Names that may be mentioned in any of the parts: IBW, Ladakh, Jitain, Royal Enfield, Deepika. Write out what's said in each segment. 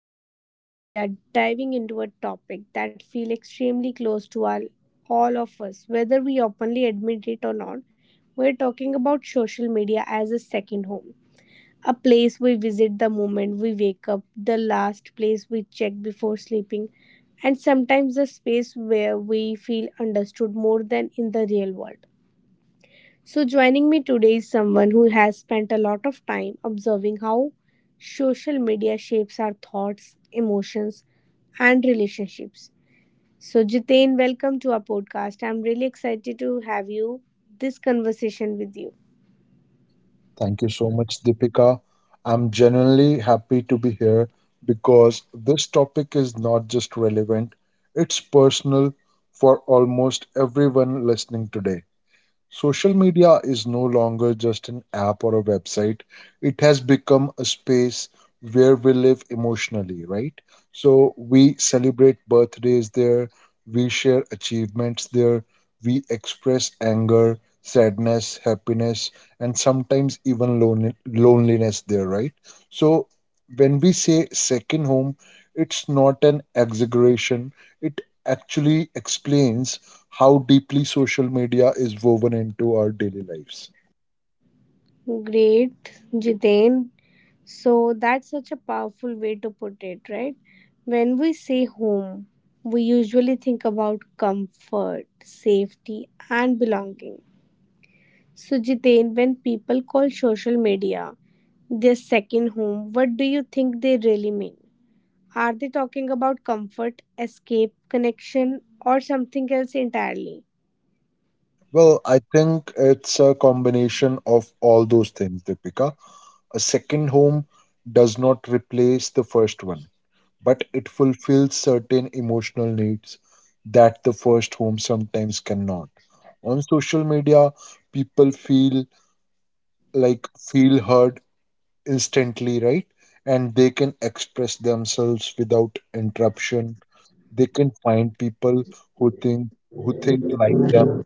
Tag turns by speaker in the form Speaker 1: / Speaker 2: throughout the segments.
Speaker 1: today we are diving into a topic that feels extremely close to all of us, whether we openly admit it or not. We're talking about social media as a second home, a place we visit the moment we wake up, the last place we check before sleeping, and sometimes a space where we feel understood more than in the real world. So, joining me today is someone who has spent a lot of time observing how social media shapes our thoughts, emotions, and relationships. So, Jitain, welcome to our podcast. I'm really excited to have you this conversation with you.
Speaker 2: Thank you so much, Deepika. I'm genuinely happy to be here because this topic is not just relevant, it's personal for almost everyone listening today. Social media is no longer just an app or a website. It has become a space where we live emotionally, right? So we celebrate birthdays there, we share achievements there, we express anger, sadness, happiness, and sometimes even loneliness there, right? So when we say second home, it's not an exaggeration, it actually explains how deeply social media is woven into our daily lives.
Speaker 1: Great, Jitain. So, that's such a powerful way to put it, right? When we say home, we usually think about comfort, safety, and belonging. So Jiten, when people call social media their second home, what do you think they really mean? Are they talking about comfort, escape, connection, or something else entirely?
Speaker 2: Well, I think it's a combination of all those things, Deepika. A second home does not replace the first one, but it fulfills certain emotional needs that the first home sometimes cannot. On social media, people feel heard instantly, right? And they can express themselves without interruption. They can find people who think who think like them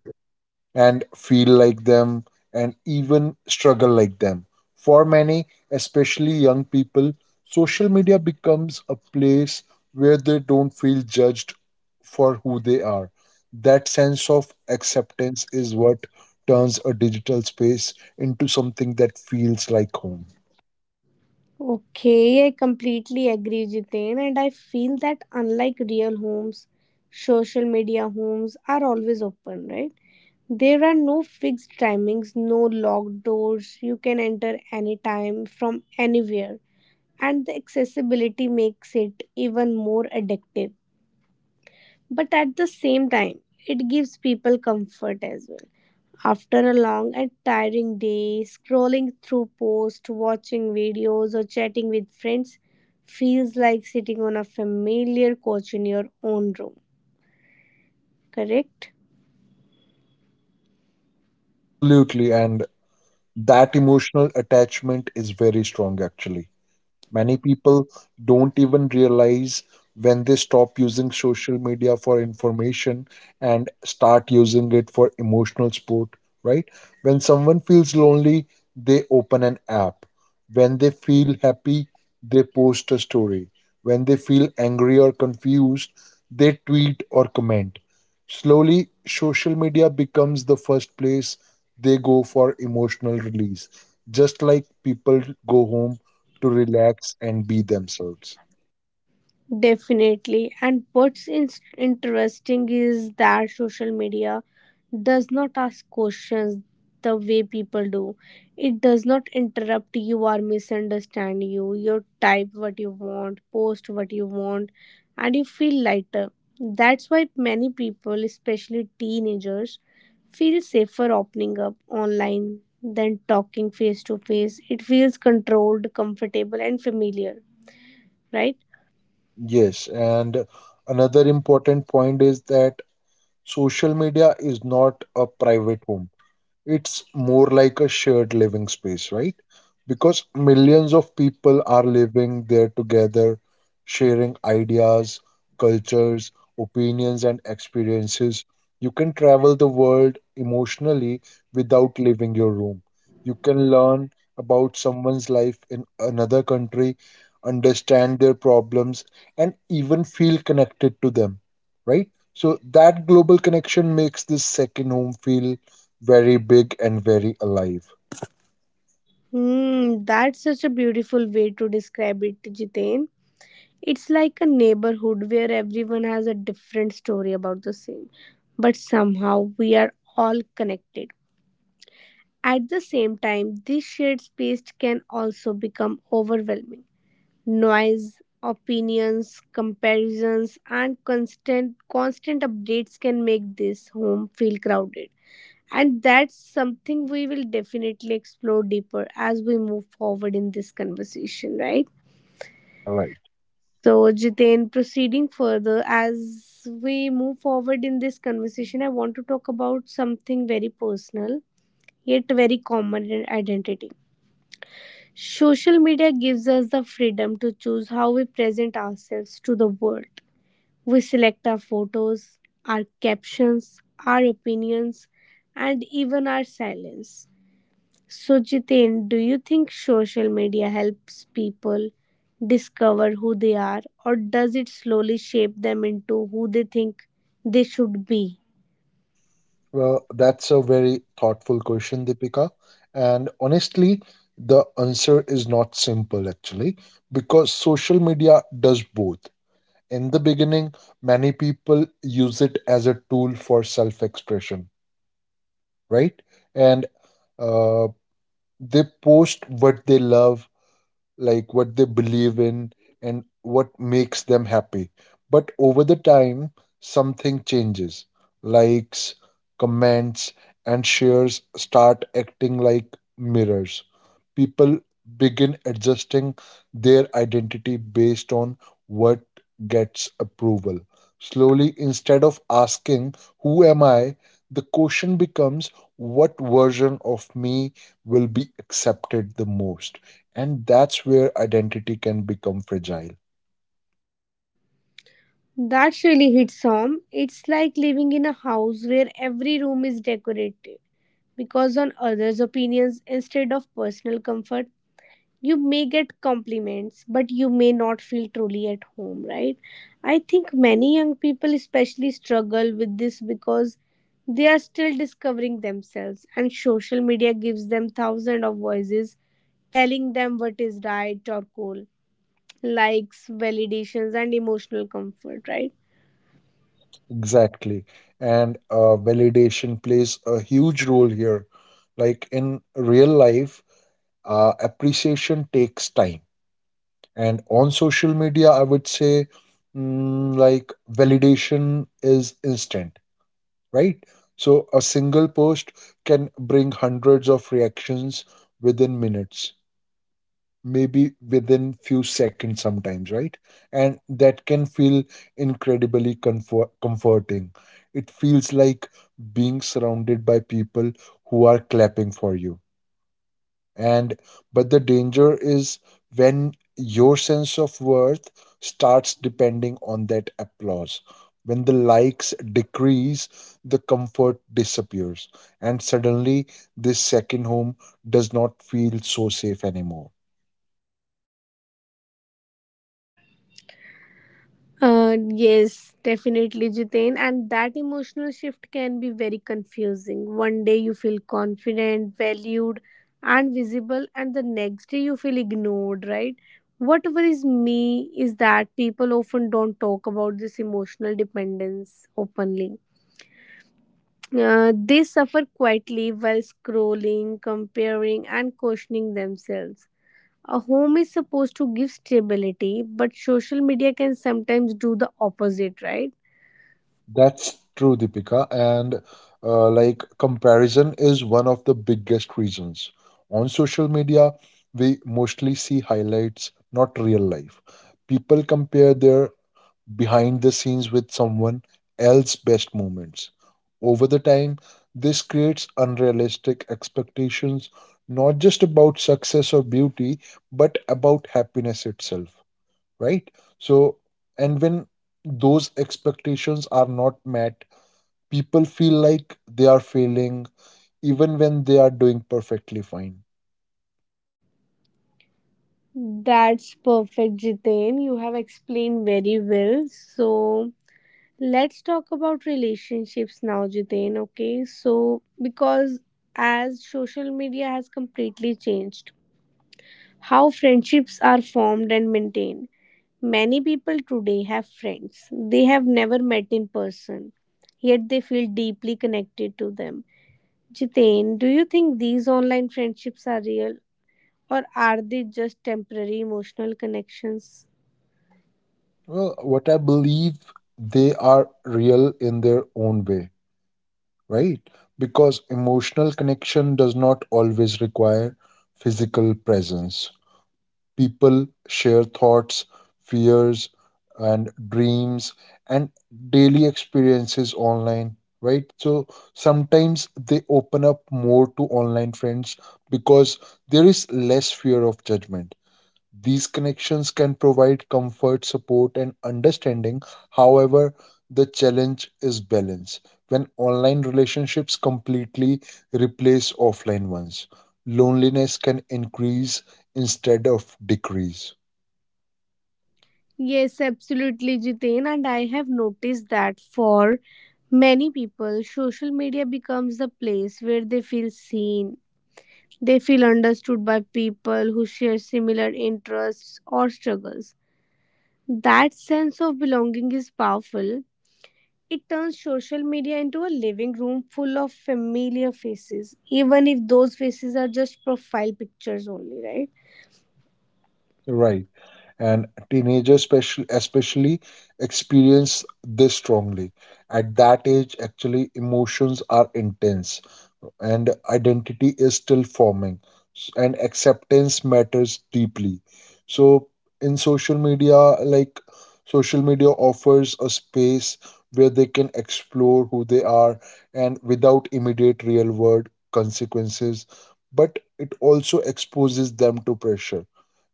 Speaker 2: and feel like them and even struggle like them. For many, especially young people, social media becomes a place where they don't feel judged for who they are. That sense of acceptance is what turns a digital space into something that feels like home.
Speaker 1: Okay, I completely agree, Jiten, and I feel that unlike real homes, social media homes are always open, right? There are no fixed timings, no locked doors. You can enter anytime from anywhere, and the accessibility makes it even more addictive. But at the same time, it gives people comfort as well. After a long and tiring day, scrolling through posts, watching videos, or chatting with friends feels like sitting on a familiar couch in your own room, correct?
Speaker 2: Absolutely, and that emotional attachment is very strong actually. Many people don't even realize when they stop using social media for information and start using it for emotional support, right? When someone feels lonely, they open an app. When they feel happy, they post a story. When they feel angry or confused, they tweet or comment. Slowly, social media becomes the first place they go for emotional release, just like people go home to relax and be themselves.
Speaker 1: Definitely. And interesting is that social media does not ask questions the way people do. It does not interrupt you or misunderstand you. You type what you want, post what you want, and you feel lighter. That's why many people, especially teenagers, feel safer opening up online than talking face to face. It feels controlled, comfortable, and familiar, right?
Speaker 2: Yes, and another important point is that social media is not a private home. It's more like a shared living space, right? Because millions of people are living there together, sharing ideas, cultures, opinions, and experiences. You can travel the world emotionally without leaving your room. You can learn about someone's life in another country, understand their problems, and even feel connected to them, right? So, that global connection makes this second home feel very big and very alive.
Speaker 1: Hmm, that's such a beautiful way to describe it, Jiten. It's like a neighborhood where everyone has a different story about the same, but somehow we are all connected. At the same time, this shared space can also become overwhelming. Noise, opinions, comparisons, and constant updates can make this home feel crowded. And that's something we will definitely explore deeper as we move forward in this conversation, right?
Speaker 2: Yeah, right.
Speaker 1: So, Jiten, proceeding further, as we move forward in this conversation, I want to talk about something very personal yet very common in identity. Social media gives us the freedom to choose how we present ourselves to the world. We select our photos, our captions, our opinions, and even our silence. So, Jiten, do you think social media helps people discover who they are, or does it slowly shape them into who they think they should be?
Speaker 2: Well, that's a very thoughtful question, Deepika. And honestly, the answer is not simple actually, because social media does both. In the beginning, many people use it as a tool for self expression, right? And uh, they post what they love, like what they believe in and what makes them happy. But over the time, something changes. Likes, comments, and shares start acting like mirrors. People begin adjusting their identity based on what gets approval. Slowly, instead of asking, "Who am I?" the question becomes, "What version of me will be accepted the most?" And that's where identity can become fragile.
Speaker 1: That really hits home. It's like living in a house where every room is decorated because on others' opinions instead of personal comfort. You may get compliments, but you may not feel truly at home, right? I think many young people especially struggle with this because they are still discovering themselves, and social media gives them thousands of voices telling them what is right or cool, likes, validations, and emotional comfort, right?
Speaker 2: Exactly. And validation plays a huge role here. Like in real life, appreciation takes time, and on social media I would say like validation is instant, right? So a single post can bring hundreds of reactions within minutes, maybe within few seconds sometimes, right? And that can feel incredibly comforting. It feels like being surrounded by people who are clapping for you. And but the danger is when your sense of worth starts depending on that applause. When the likes decrease, the comfort disappears, and suddenly this second home does not feel so safe anymore.
Speaker 1: Yes, definitely, Jitain. And that emotional shift can be very confusing. One day you feel confident, valued, and visible, and the next day you feel ignored, right? What worries me is that people often don't talk about this emotional dependence openly. They suffer quietly while scrolling, comparing, and questioning themselves. A home is supposed to give stability, but social media can sometimes do the opposite, right?
Speaker 2: That's true, Deepika. And like comparison is one of the biggest reasons. On social media, we mostly see highlights, not real life. People compare their behind the scenes with someone else's best moments. Over the time, this creates unrealistic expectations, not just about success or beauty, but about happiness itself, right? So, and when those expectations are not met, people feel like they are failing even when they are doing perfectly fine.
Speaker 1: That's perfect, Jiten. You have explained very well. So let's talk about relationships now, Jiten. Okay, so because as social media has completely changed how friendships are formed and maintained, many people today have friends they have never met in person, yet they feel deeply connected to them. Jiten, do you think these online friendships are real, or are they just temporary emotional connections?
Speaker 2: Well, what I believe, they are real in their own way, right? Because emotional connection does not always require physical presence. People share thoughts, fears, and dreams and daily experiences online, right? So sometimes they open up more to online friends because there is less fear of judgment. These connections can provide comfort, support, and understanding. However, the challenge is balance. When online relationships completely replace offline ones, loneliness can increase instead of decrease.
Speaker 1: Yes, absolutely, Jiten. And I have noticed that for many people, social media becomes the place where they feel seen. They feel understood by people who share similar interests or struggles. That sense of belonging is powerful. It turns social media into a living room full of familiar faces, even if those faces are just profile pictures only, right?
Speaker 2: Right. And teenagers especially experience this strongly. At that age, actually, emotions are intense and identity is still forming, and acceptance matters deeply. So in social media, like social media offers a space where they can explore who they are and without immediate real world consequences, but it also exposes them to pressure,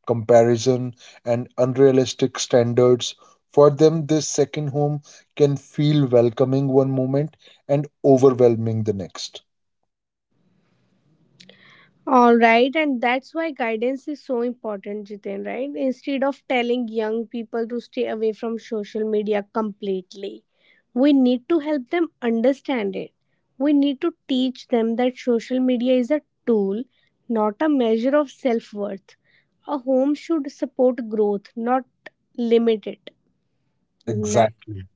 Speaker 2: comparison, and unrealistic standards. For them, this second home can feel welcoming one moment and overwhelming the next.
Speaker 1: All right, and that's why guidance is so important, Jiten, right? Instead of telling young people to stay away from social media completely, we need to help them understand it. We need to teach them that social media is a tool, not a measure of self worth. A home should support growth, not limit it. Na-
Speaker 2: Exactly.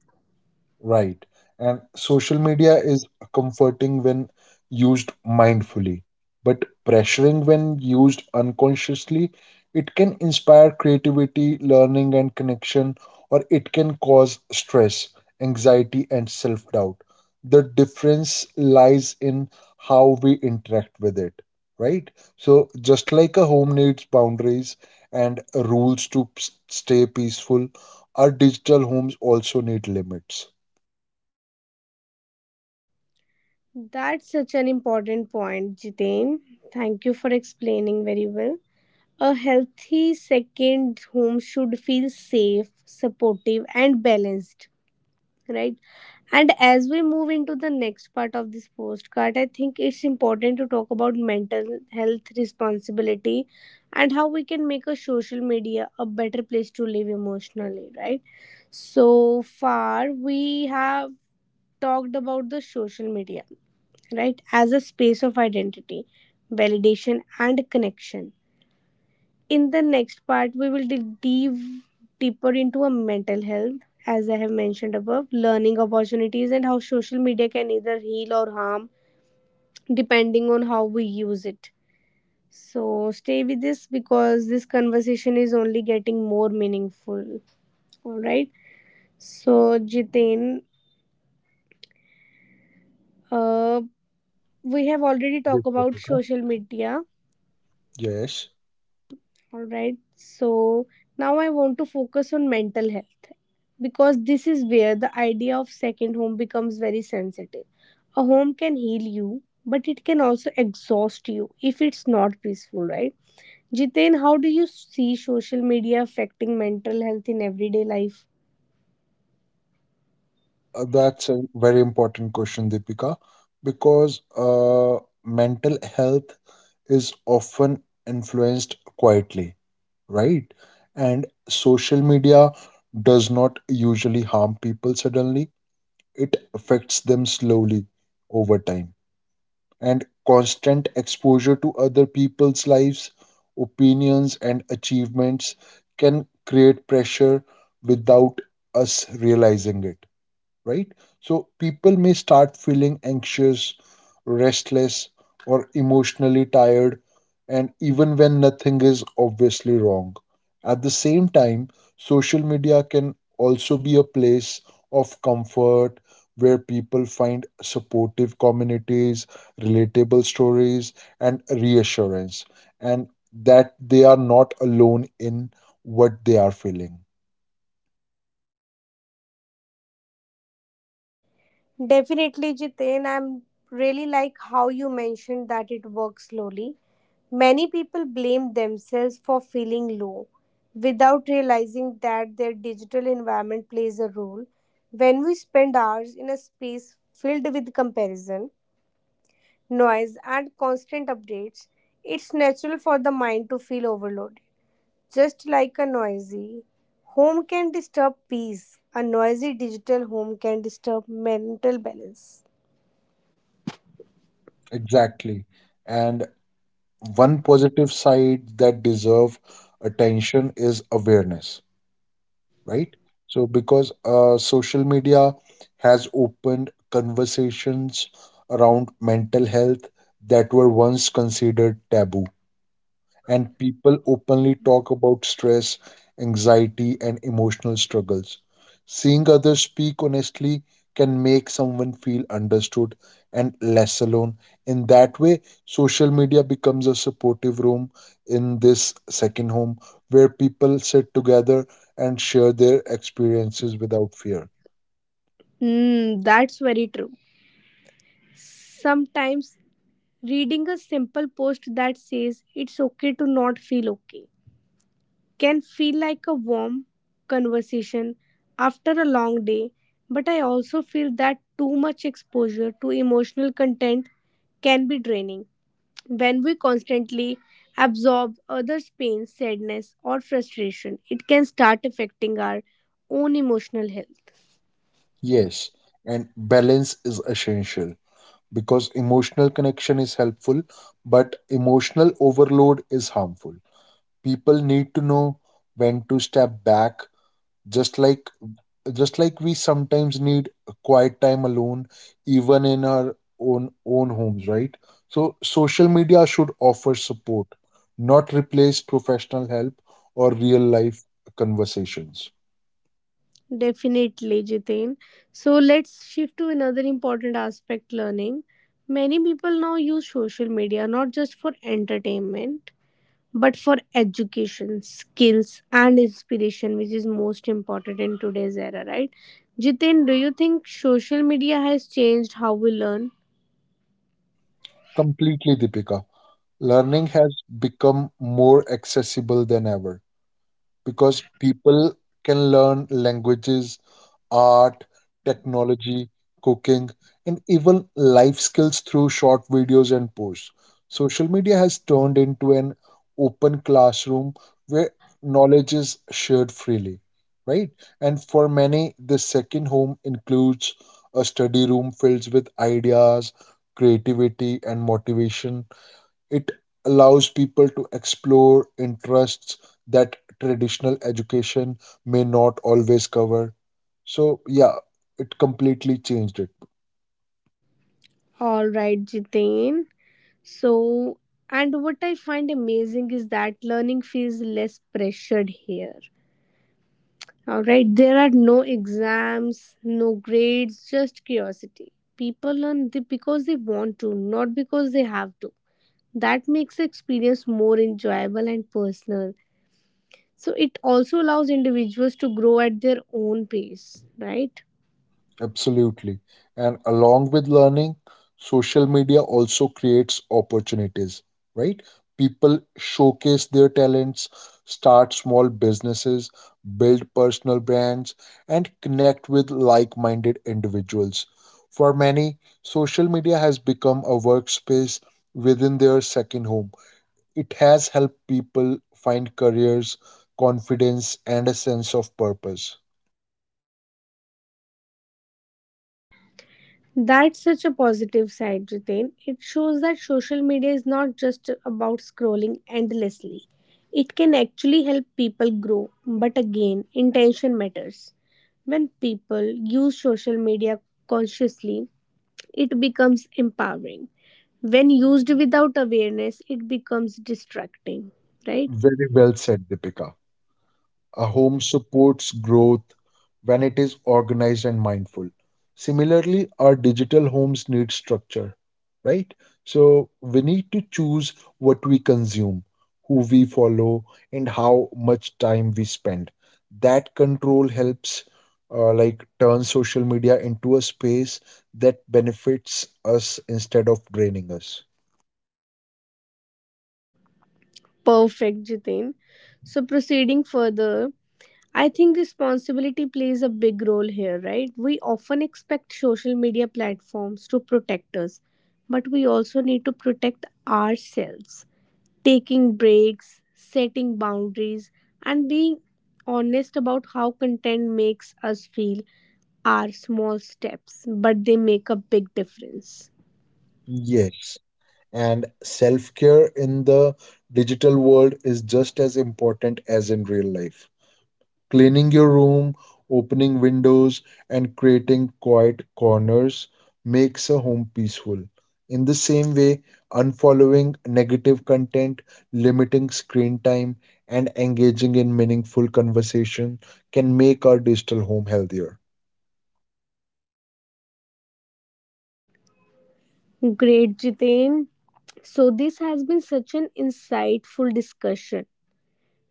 Speaker 2: Right. And social media is comforting when used mindfully, but pressuring when used unconsciously. It can inspire creativity, learning, and connection, or it can cause stress, anxiety, and self doubt. The difference lies in how we interact with it, right? So, just like a home needs boundaries and rules to stay peaceful, our digital homes also need limits.
Speaker 1: That's such an important point, Jiten. Thank you for explaining very well. A healthy second home should feel safe, supportive, and balanced, right? And as we move into the next part of this postcard, I think it's important to talk about mental health responsibility and how we can make a social media a better place to live emotionally, right? So far, we have talked about the social media, right, as a space of identity, validation, and connection. In the next part, we will dig deep deeper into a mental health, as I have mentioned above, learning opportunities, and how social media can either heal or harm depending on how we use it. So stay with this because this conversation is only getting more meaningful. All right. So, Jitin, uh, we have already
Speaker 2: Yes,
Speaker 1: talked
Speaker 2: yes,
Speaker 1: about
Speaker 2: yes.
Speaker 1: social media.
Speaker 2: Yes.
Speaker 1: All right. So now I want to focus on mental health because this is where the idea of second home becomes very sensitive. A home can heal you, but it can also exhaust you if it's not peaceful, right? Jitain, how do you see social media affecting mental health in everyday life?
Speaker 2: Well, that's a very important question, Deepika, because mental health is often influenced quietly, right? And social media does not usually harm people suddenly, it affects them slowly over time. And constant exposure to other people's lives, opinions, and achievements can create pressure without us realizing it, right? So people may start feeling anxious, restless, or emotionally tired, and even when nothing is obviously wrong. At the same time, social media can also be a place of comfort where people find supportive communities, relatable stories, and reassurance, and that they are not alone in what they are feeling.
Speaker 1: Definitely, Jiten. I'm really like how you mentioned that it works slowly. Many people blame themselves for feeling low without realizing that their digital environment plays a role. When we spend hours in a space filled with comparison, noise, and constant updates, it's natural for the mind to feel overloaded. Just like a noisy home can disturb peace, a noisy digital home can disturb mental balance.
Speaker 2: Exactly. And one positive side that deserve attention is awareness, right? So because social media has opened conversations around mental health that were once considered taboo, and people openly talk about stress, anxiety, and emotional struggles. Seeing others speak honestly can make someone feel understood and less alone. In that way, social media becomes a supportive room in this second home where people sit together and share their experiences without fear.
Speaker 1: Hmm, that's very true. Sometimes reading a simple post that says it's okay to not feel okay can feel like a warm conversation after a long day, but I also feel that too much exposure to emotional content can be draining. When we constantly absorb others' pain, sadness, or frustration, it can start affecting our own emotional health.
Speaker 2: Yes, and balance is essential because emotional connection is helpful, but emotional overload is harmful. People need to know when to step back, just like just like we sometimes need a quiet time alone, even in our own homes, right? So social media should offer support, not replace professional help or real life conversations.
Speaker 1: Definitely, Jitain. So let's shift to another important aspect, learning. Many people now use social media not just for entertainment but for education, skills, and inspiration, which is most important in today's era, right? Jitain, do you think social media has changed how we learn?
Speaker 2: Completely, Deepika. Learning has become more accessible than ever because people can learn languages, art, technology, cooking, and even life skills through short videos and posts. Social media has turned into an open classroom where knowledge is shared freely, right? And for many, the second home includes a study room filled with ideas, creativity, and motivation. It allows people to explore interests that traditional education may not always cover. So, yeah, it completely changed it.
Speaker 1: All right, Jitain. So, and what I find amazing is that learning feels less pressured here. All right, there are no exams, no grades, just curiosity. People because they want to, not because they have to. That makes the experience more enjoyable and personal. So it also allows individuals to grow at their own pace, right?
Speaker 2: Absolutely. And along with learning, social media also creates opportunities, right? People showcase their talents, start small businesses, build personal brands, and connect with like minded individuals. For many, social media has become a workspace within their second home. It has helped people find careers, confidence, and a sense of purpose.
Speaker 1: That's such a positive side, Jitain. It shows that social media is not just about scrolling endlessly. It can actually help people grow, but again, intention matters. When people use social media consciously, it becomes empowering. When used without awareness, it becomes distracting, right?
Speaker 2: Very well said, Deepika. A home supports growth when it is organized and mindful. Similarly, our digital homes need structure, right? So we need to choose what we consume, who we follow, and how much time we spend. That control helps like turn social media into a space that benefits us instead of draining us.
Speaker 1: Perfect, Jitain. So, proceeding further, I think responsibility plays a big role here, right? We often expect social media platforms to protect us, but we also need to protect ourselves. Taking breaks, setting boundaries, and being honest about how content makes us feel are small steps, but they make a big difference.
Speaker 2: Yes. And self care in the digital world is just as important as in real life. Cleaning your room, opening windows, and creating quiet corners makes a home peaceful. In the same way, unfollowing negative content, limiting screen time, and engaging in meaningful conversation can make our digital home healthier.
Speaker 1: Great, Jitain. So, this has been such an insightful discussion,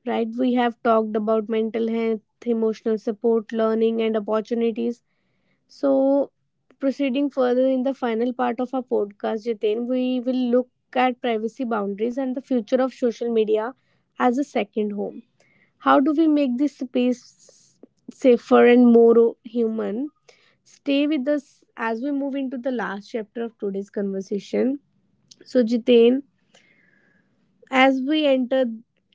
Speaker 1: right? We have talked about mental health, emotional support, learning, and opportunities. So, proceeding further in the final part of our podcast, Jitin, we will look at privacy boundaries and the future of social media as a second home. How do we make this space safer and more human? Stay with us as we move into the last chapter of today's conversation. So, Jitain, as we enter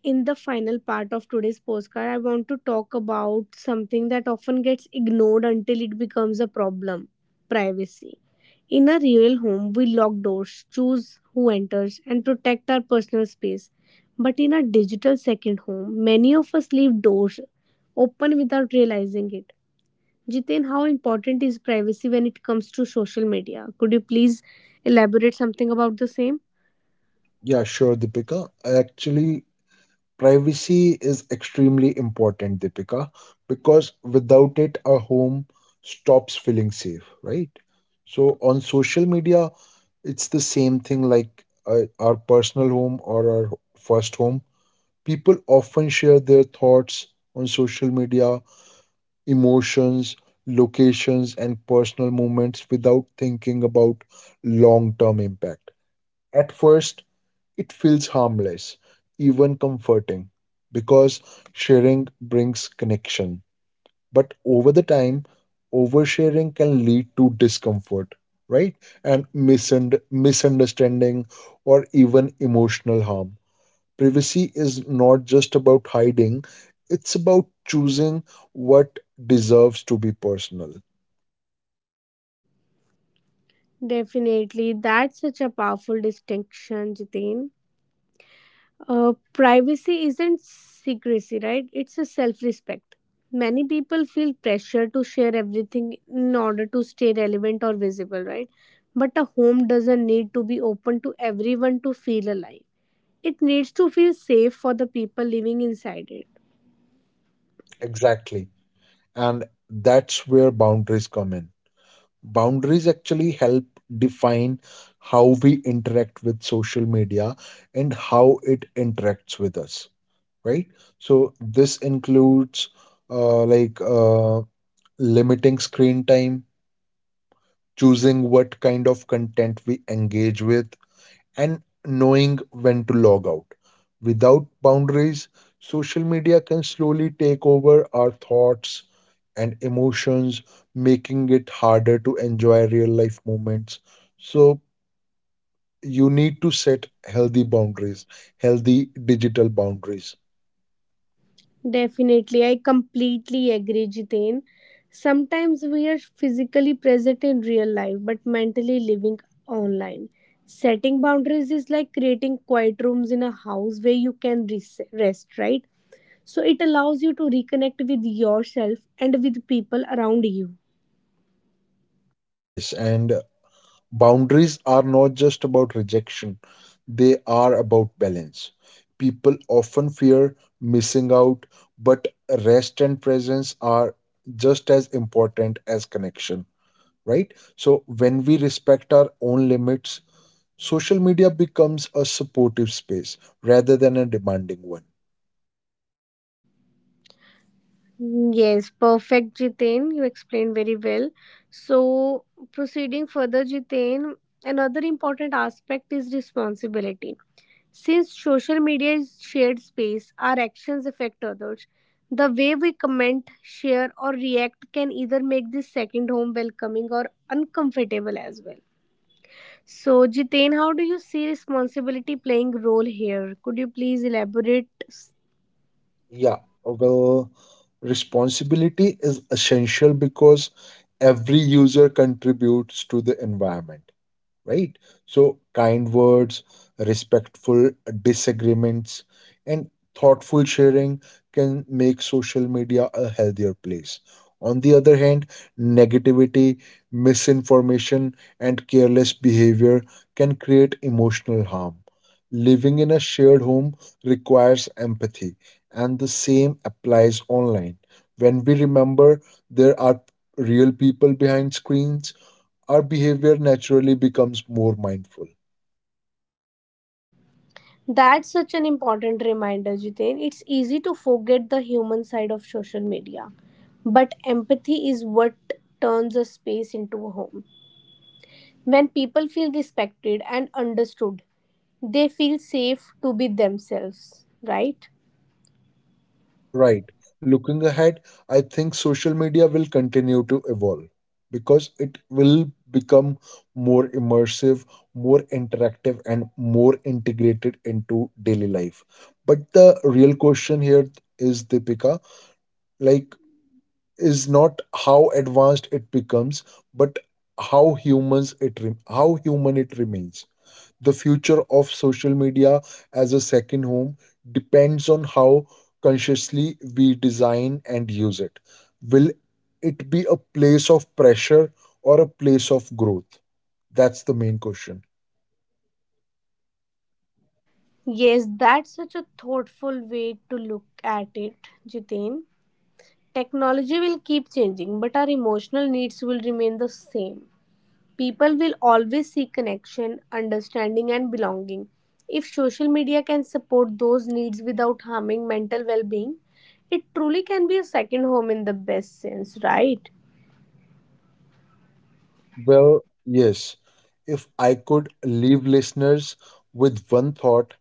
Speaker 1: in the final part of today's postcard, I want to talk about something that often gets ignored until it becomes a problem, privacy. In a real home, we lock doors, choose who enters, and protect our personal space. But in a digital second home, many of us leave doors open without realizing it. Jiten, how important is privacy when it comes to social media? Could you please elaborate something about the same?
Speaker 2: Yeah, sure, Deepika. Actually, privacy is extremely important, Deepika, because without it, a home stops feeling safe, right? So on social media, it's the same thing like our personal home or our first home. People often share their thoughts on social media, emotions, locations, and personal moments without thinking about long term impact. At first, it feels harmless, even comforting, because sharing brings connection. But over the time, oversharing can lead to discomfort, right? And misunderstanding or even emotional harm. Privacy is not just about hiding, it's about choosing what deserves to be personal.
Speaker 1: Definitely, that's such a powerful distinction, Jitin. Privacy isn't secrecy, right? It's a self respect. Many people feel pressure to share everything in order to stay relevant or visible, right? But a home doesn't need to be open to everyone to feel alive. It needs to feel safe for the people living inside it.
Speaker 2: Exactly. And that's where boundaries come in. Boundaries actually help define how we interact with social media and how it interacts with us, right? So this includes uh, like uh, limiting screen time, choosing what kind of content we engage with, and knowing when to log out. Without boundaries, social media can slowly take over our thoughts and emotions, making it harder to enjoy real life moments. So, you need to set healthy boundaries, healthy digital boundaries.
Speaker 1: Definitely, I completely agree, Jitain. Sometimes we are physically present in real life but mentally living online. Setting boundaries is like creating quiet rooms in a house where you can rest, right? So it allows you to reconnect with yourself and with people around you.
Speaker 2: Yes, and boundaries are not just about rejection, they are about balance. People often fear missing out, but rest and presence are just as important as connection, right? So, when we respect our own limits, social media becomes a supportive space rather than a demanding one.
Speaker 1: Yes, perfect, Jitain. You explained very well. So, proceeding further, Jitain, another important aspect is responsibility. Since social media is shared space, our actions affect others. The way we comment, share, or react can either make this second home welcoming or uncomfortable as well. So, Jitain, how do you see responsibility playing role here? Could you please elaborate?
Speaker 2: Yeah, well, responsibility is essential because every user contributes to the environment, right? So, kind words, respectful disagreements, and thoughtful sharing can make social media a healthier place. On the other hand, negativity, misinformation, and careless behavior can create emotional harm. Living in a shared home requires empathy, and the same applies online. When we remember there are real people behind screens, our behavior naturally becomes more mindful.
Speaker 1: That's such an important reminder, Jitain. It's easy to forget the human side of social media, but empathy is what turns a space into a home. When people feel respected and understood, they feel safe to be themselves, right?
Speaker 2: Right. Looking ahead, I think social media will continue to evolve because it will become more immersive, more interactive, and more integrated into daily life. But the real question here is, Deepika, like, is not how advanced it becomes, but how human it remains. The future of social media as a second home depends on how consciously we design and use it. Will it be a place of pressure or a place of growth? That's the main question.
Speaker 1: Yes, that's such a thoughtful way to look at it, Jitin. Technology will keep changing, but our emotional needs will remain the same. People will always seek connection, understanding, and belonging. If social media can support those needs without harming mental well being, it truly can be a second home in the best sense, right?
Speaker 2: Well, yes. If I could leave listeners with one thought,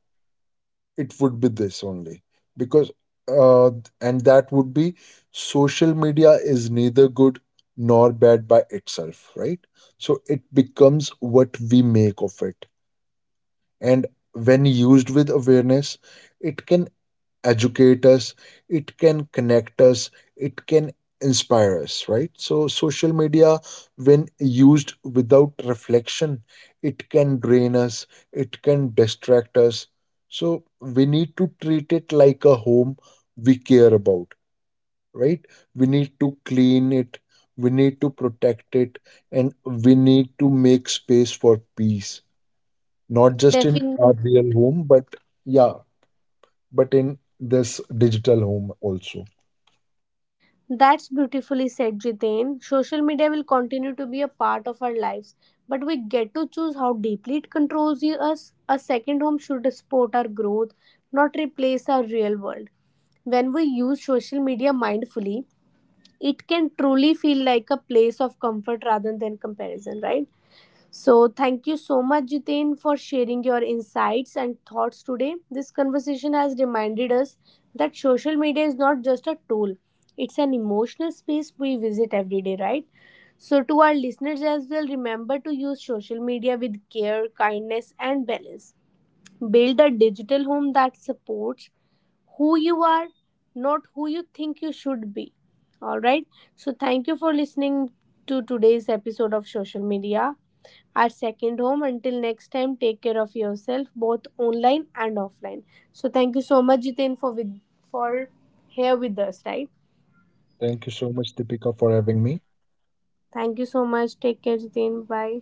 Speaker 2: it would be this only. Because uh, and that would be, social media is neither good nor bad by itself, right? So it becomes what we make of it. And when used with awareness, it can educate us, it can connect us, it can inspire us, right? So social media, when used without reflection, it can drain us, it can distract us. So we need to treat it like a home we care about, right? We need to clean it, we need to protect it, and we need to make space for peace, not just in our
Speaker 1: Definitely.
Speaker 2: real home, but yeah, but in this digital home also.
Speaker 1: That's beautifully said, Jiten. Social media will continue to be a part of our lives, but we get to choose how deeply it us. A second home should support our growth, not replace our real world. When we use social media mindfully, it can truly feel like a place of comfort rather than comparison, right? So, thank you so much, Jitain, for sharing your insights and thoughts today. This conversation has reminded us that social media is not just a tool, it's an emotional space we visit every day, right? So, to our listeners as well, remember to use social media with care, kindness, and balance. Build a digital home that supports who you are, not who you think you should be. All right. So, thank you for listening to today's episode of Social Media, our second home. Until next time, take care of yourself, both online and offline. So thank you so much, Jitin, for with for here with us, right?
Speaker 2: Thank you so much, Deepika, for having me.
Speaker 1: Thank you so much. Take care, Jitin. Bye.